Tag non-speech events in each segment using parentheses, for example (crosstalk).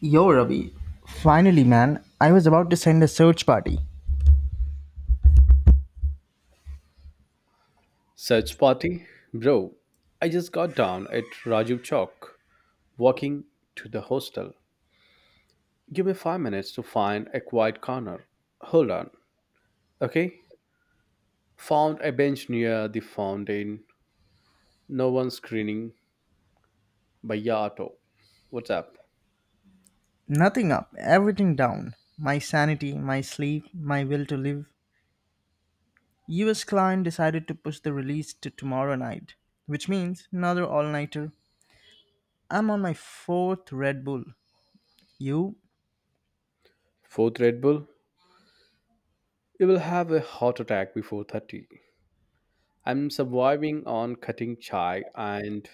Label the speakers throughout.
Speaker 1: Yo, Ravi. Finally, man. I was about to send a search party.
Speaker 2: Search party? Bro, I just got down at Rajiv Chowk, walking to the hostel. Give me 5 minutes to find a quiet corner. Hold on, okay? Found a bench near the fountain. No one screaming. By Yato. What's up?
Speaker 1: Nothing up, everything down. My sanity, my sleep, my will to live. US client decided to push the release to tomorrow night, which means another all nighter. I'm on my fourth Red Bull. You,
Speaker 2: Fourth Red Bull? You will have a heart attack before 30. I'm surviving on cutting chai and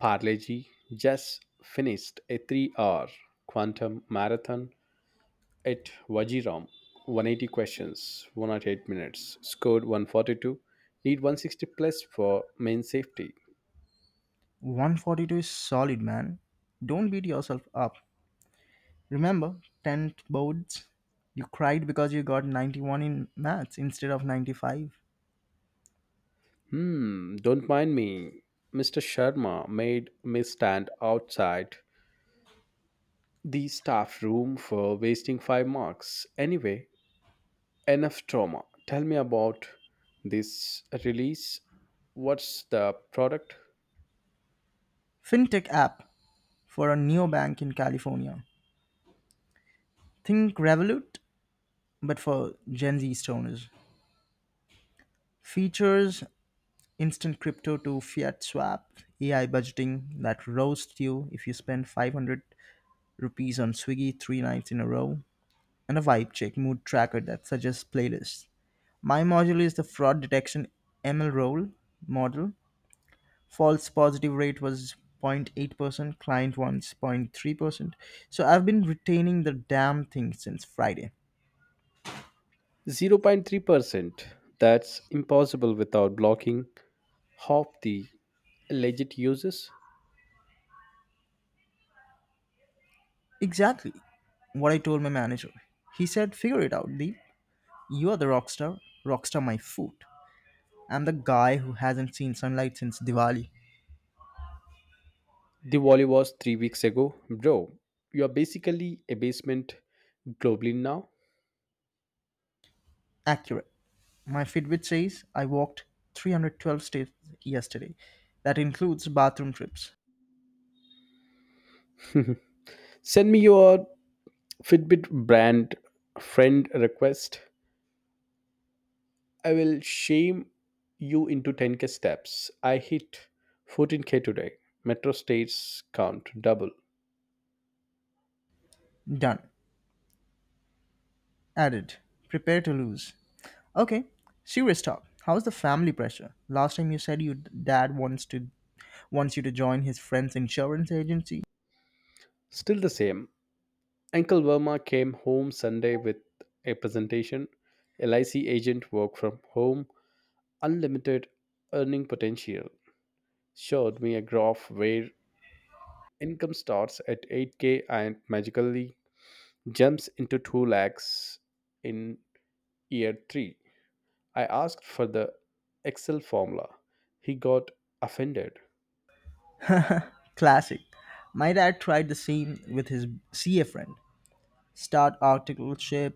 Speaker 2: Parleji. Just finished a 3 hour quantum marathon at Vajiram, 180 questions, 108 minutes, scored 142, need 160 plus for main safety.
Speaker 1: 142 is solid, man. Don't beat yourself up. Remember, tenth boards? You cried because you got 91 in maths instead of 95.
Speaker 2: Hmm, don't mind me. Mr. Sharma made me stand outside the staff room for wasting five marks. Anyway, enough trauma. Tell me about this release. What's the product?
Speaker 1: Fintech app. For a neobank in California. Think Revolut, but for Gen Z stoners. Features instant crypto to fiat swap, AI budgeting that roasts you if you spend 500 rupees on Swiggy three nights in a row, and a vibe check mood tracker that suggests playlists. My module is the fraud detection ML role model. False positive rate was 0.8%, client wants 0.3%. So I've been retaining the damn thing since Friday.
Speaker 2: 0.3%. That's impossible without blocking half the legit uses.
Speaker 1: Exactly what I told my manager. He said, Figure it out, Deep. You are the rockstar. Rockstar, my foot. I'm the guy who hasn't seen sunlight since Diwali.
Speaker 2: Diwali was 3 weeks ago. Bro, you are basically a basement globally now.
Speaker 1: Accurate. My Fitbit says I walked 312 steps yesterday. That includes bathroom trips.
Speaker 2: (laughs) Send me your Fitbit brand friend request. I will shame you into 10K steps. I hit 14K today. Metro states count double.
Speaker 1: Done. Added. Prepare to lose. Okay, serious talk. How's the family pressure? Last time you said your dad wants you to join his friend's insurance agency.
Speaker 2: Still the same. Uncle Verma came home Sunday with a presentation. LIC agent work from home, unlimited earning potential. Showed me a graph where income starts at 8K and magically jumps into 2 lakhs in year 3. I asked for the Excel formula. He got offended.
Speaker 1: Classic. My dad tried the same with his CA friend. Start articleship,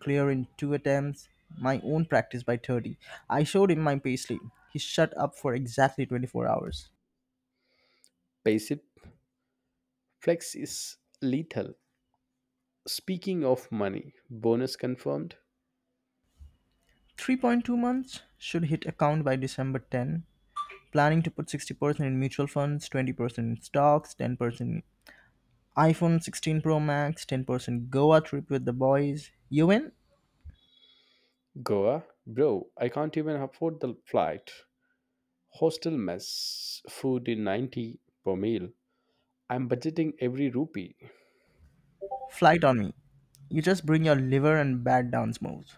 Speaker 1: clear in two attempts, my own practice by 30. I showed him my payslip. He shut up for exactly 24 hours.
Speaker 2: Passive flex is lethal. Speaking of money, bonus confirmed.
Speaker 1: 3.2 months should hit account by December 10. Planning to put 60% in mutual funds, 20% in stocks, 10% in iPhone 16 Pro Max, 10% Goa trip with the boys. You win?
Speaker 2: Goa? Bro, I can't even afford the flight. Hostel mess, food in 90 per meal. I'm budgeting every rupee.
Speaker 1: Flight on me. You just bring your liver and bat down smooth.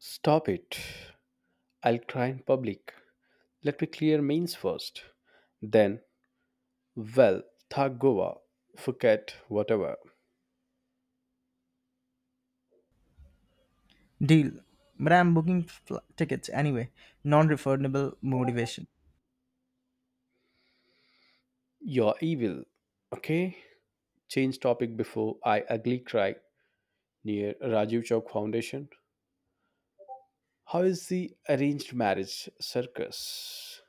Speaker 2: Stop it. I'll cry in public. Let me clear Mainz first. Then, well, thank Goa. Forget whatever.
Speaker 1: Deal. But I'm booking tickets anyway. Non refundable motivation.
Speaker 2: You're evil. Okay? Change topic before I ugly cry near Rajiv Chowk Foundation. How is the arranged marriage circus?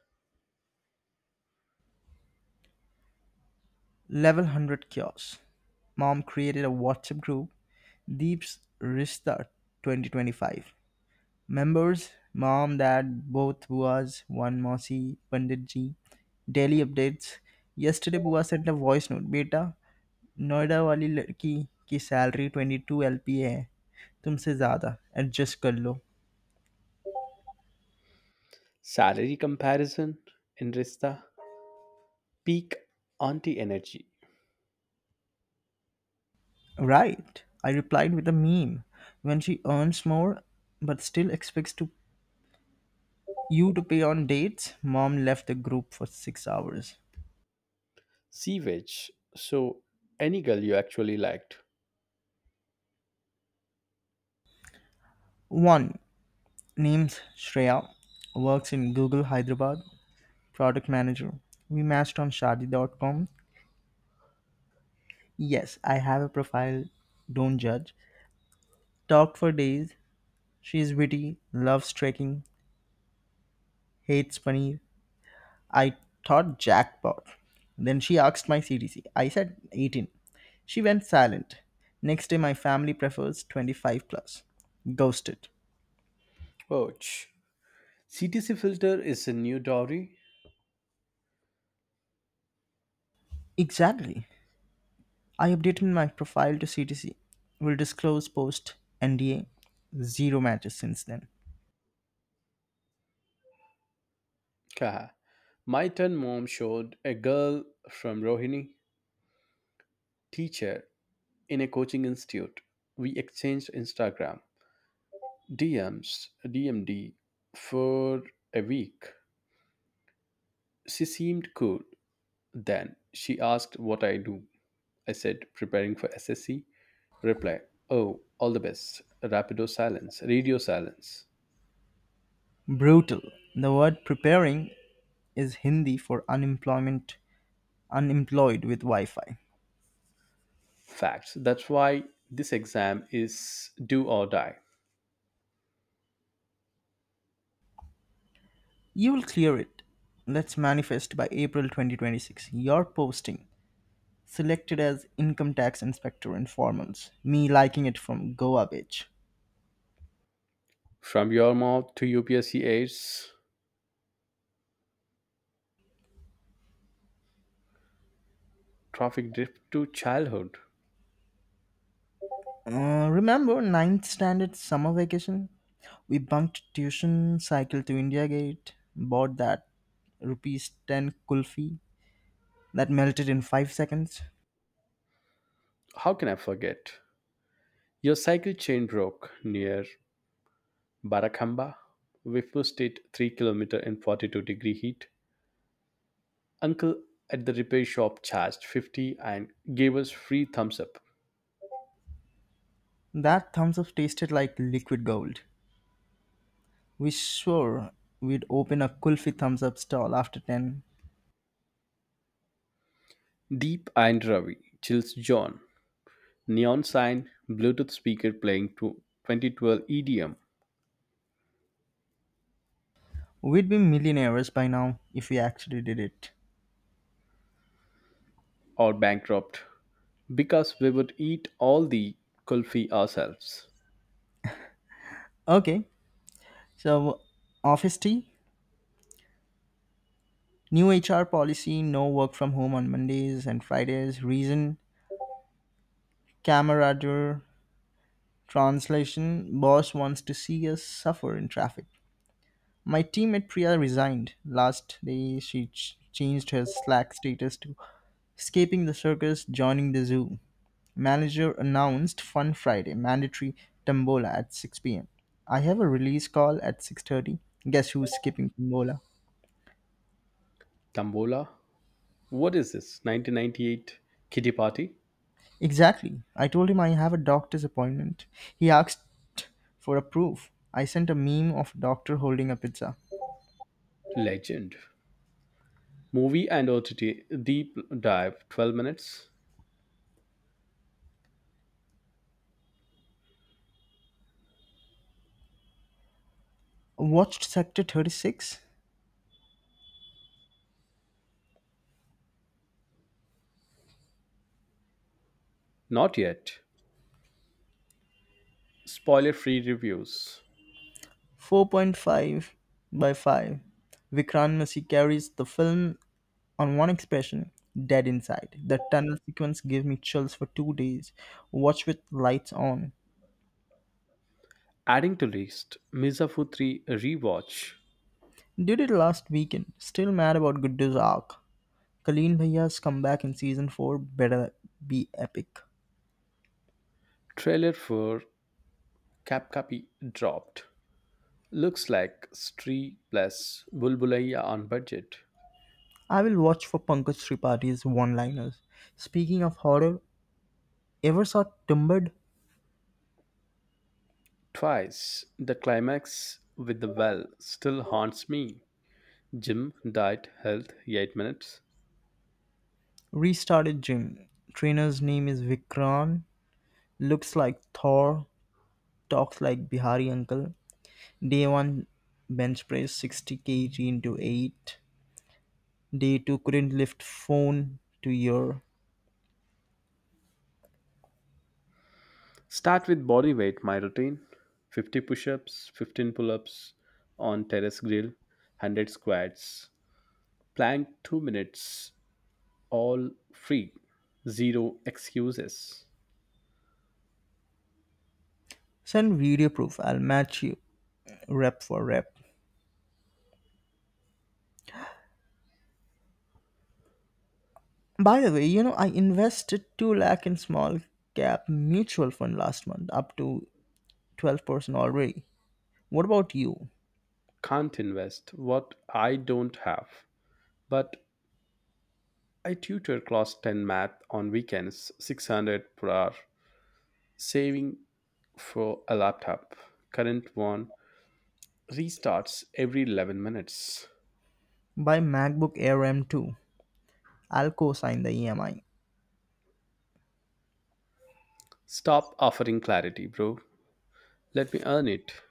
Speaker 1: Level 100 kiosk. Mom created a WhatsApp group. Deep's Restart 2025. Members Mom, Dad, both Buas, one Mossy, Pandit Ji. Daily updates. Yesterday, Bua sent a voice note. बेटा नोएडा वाली लड़की की salary 22 LP है तुमसे ज़्यादा adjust कर लो
Speaker 2: Salary comparison in Rista? Peak anti energy.
Speaker 1: Right, I replied with a meme. When she earns more but still expects to you to pay on dates, mom left the group for 6 hours.
Speaker 2: Sewage. So, any girl you actually liked?
Speaker 1: 1. Name's Shreya. Works in Google Hyderabad. Product manager. We matched on shadi.com. Yes, I have a profile. Don't judge. Talked for days. She is witty, loves trekking, hates paneer. I thought jackpot. Then she asked my CTC. I said 18. She went silent. Next day, my family prefers 25 plus. Ghosted.
Speaker 2: Ouch. CTC filter is a new dowry.
Speaker 1: Exactly. I updated my profile to CTC. Will disclose post NDA. Zero matches since then.
Speaker 2: Kaha. My 10 mom showed a girl from Rohini, teacher in a coaching institute. We exchanged Instagram, DMs, DMD for a week. She seemed cool. Then she asked what I do. I said preparing for SSC. Reply, oh, all the best. Rapido silence, radio silence.
Speaker 1: Brutal. The word preparing is Hindi for unemployment, unemployed with Wi Fi.
Speaker 2: Facts. That's why this exam is do or die.
Speaker 1: You will clear it. Let's manifest by April 2026. Your posting selected as income tax inspector informals. Me liking it from Goa Beach.
Speaker 2: From your mouth to UPSC aides. Traffic drift to childhood.
Speaker 1: Remember ninth standard summer vacation? We bunked tuition, cycled to India Gate, bought that rupees 10 kulfi that melted in 5 seconds.
Speaker 2: How can I forget? Your cycle chain broke near Barakamba. We pushed it 3 km in 42-degree heat. Uncle at the repair shop charged 50 and gave us free thumbs up.
Speaker 1: That thumbs up tasted like liquid gold. We swore we'd open a kulfi thumbs up stall after 10.
Speaker 2: Deep and Ravi, Chills John, Neon Sign, Bluetooth speaker playing to 2012 EDM.
Speaker 1: We'd be millionaires by now if we actually did it.
Speaker 2: Or bankrupt because we would eat all the kulfi ourselves.
Speaker 1: Okay, so office tea, new HR policy, no work from home on Mondays and Fridays. Reason, camaraderie, Translation Boss wants to see us suffer in traffic. My teammate Priya resigned. Last day, she changed her Slack status to escaping the circus, joining the zoo. Manager announced Fun Friday, mandatory tombola at 6 p.m. I have a release call at 6:30. Guess who's skipping tombola?
Speaker 2: Tambola, what is this? 1998 Kitty Party?
Speaker 1: Exactly. I told him I have a doctor's appointment. He asked for a proof. I sent a meme of a doctor holding a pizza.
Speaker 2: Legend. Movie and OTT deep dive 12 minutes?
Speaker 1: Watched Sector 36?
Speaker 2: Not yet. Spoiler free reviews.
Speaker 1: 4.5 by 5, Vikrant Masi carries the film on one expression dead inside. The tunnel sequence gave me chills for 2 days. Watch with lights on.
Speaker 2: Adding to list Mizafu 3 rewatch.
Speaker 1: Did it last weekend. Still mad about Guddu's arc. Colleen Bhaya's comeback in season 4 better be epic.
Speaker 2: Trailer for Cap Copy dropped. Looks like Stree plus Bulbulaya on budget.
Speaker 1: I will watch for Pankaj Tripathi one liners. Speaking of horror, ever saw Timbered?
Speaker 2: Twice. The climax with the well still haunts me. Jim died health 8 minutes.
Speaker 1: Restarted gym. Trainer's name is Vikran. Looks like Thor talks like Bihari uncle. Day one bench press 60 kg into 8. Day two couldn't lift phone to ear.
Speaker 2: Start with body weight, my routine 50 push ups, 15 pull ups on terrace grill, 100 squats, plank 2 minutes, all free, zero excuses.
Speaker 1: Send video proof. I'll match you rep for rep. By the way, you know I invested 2 lakh in small cap mutual fund last month up to 12% already. What about you?
Speaker 2: Can't invest what I don't have. But I tutor class 10 math on weekends, 600 per hour, saving for a laptop. Current one restarts every 11 minutes.
Speaker 1: Buy MacBook Air M2. I'll co-sign the EMI.
Speaker 2: Stop offering clarity, bro. Let me earn it.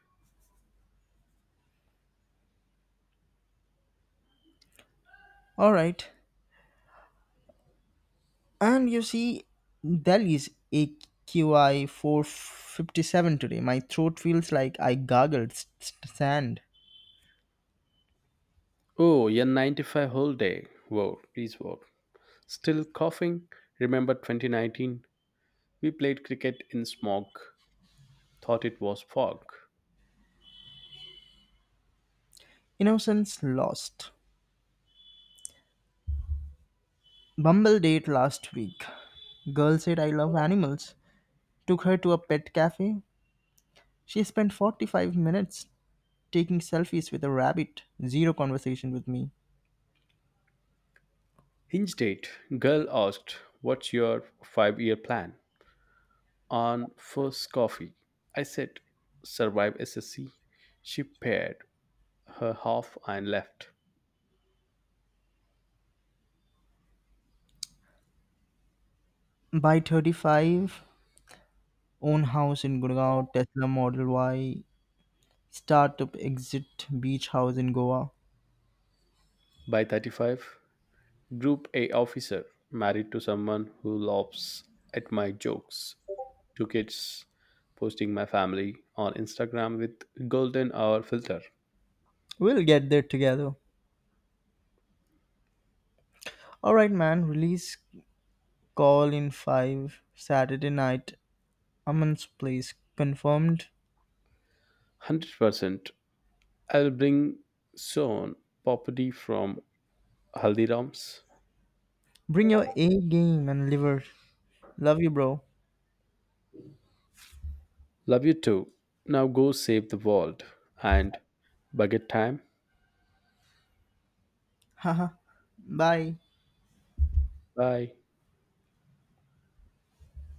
Speaker 1: All right. And you see, Delhi's AQI 457 today. My throat feels like I gargled sand.
Speaker 2: Oh, N95 whole day. Wow, please wow. Still coughing? Remember 2019? We played cricket in smog. Thought it was fog.
Speaker 1: Innocence lost. Bumble date last week. Girl said I love animals. Took her to a pet cafe. She spent 45 minutes taking selfies with a rabbit. Zero conversation with me.
Speaker 2: Hinge date. Girl asked, what's your 5 year plan? On first coffee. I said, survive SSC. She paired her half and left.
Speaker 1: By 35, own house in Gurgaon, Tesla Model Y, startup exit, beach house in Goa.
Speaker 2: By 35, Group A officer, married to someone who laughs at my jokes, two kids posting my family on Instagram with golden hour filter.
Speaker 1: We'll get there together. Alright, man, release call in 5 Saturday night. Aman's place confirmed.
Speaker 2: 100%. I'll bring soon property from Haldirams.
Speaker 1: Bring your A game and liver. Love you, bro.
Speaker 2: Love you too. Now go save the world and bucket time.
Speaker 1: (laughs) Haha. Bye.
Speaker 2: Bye.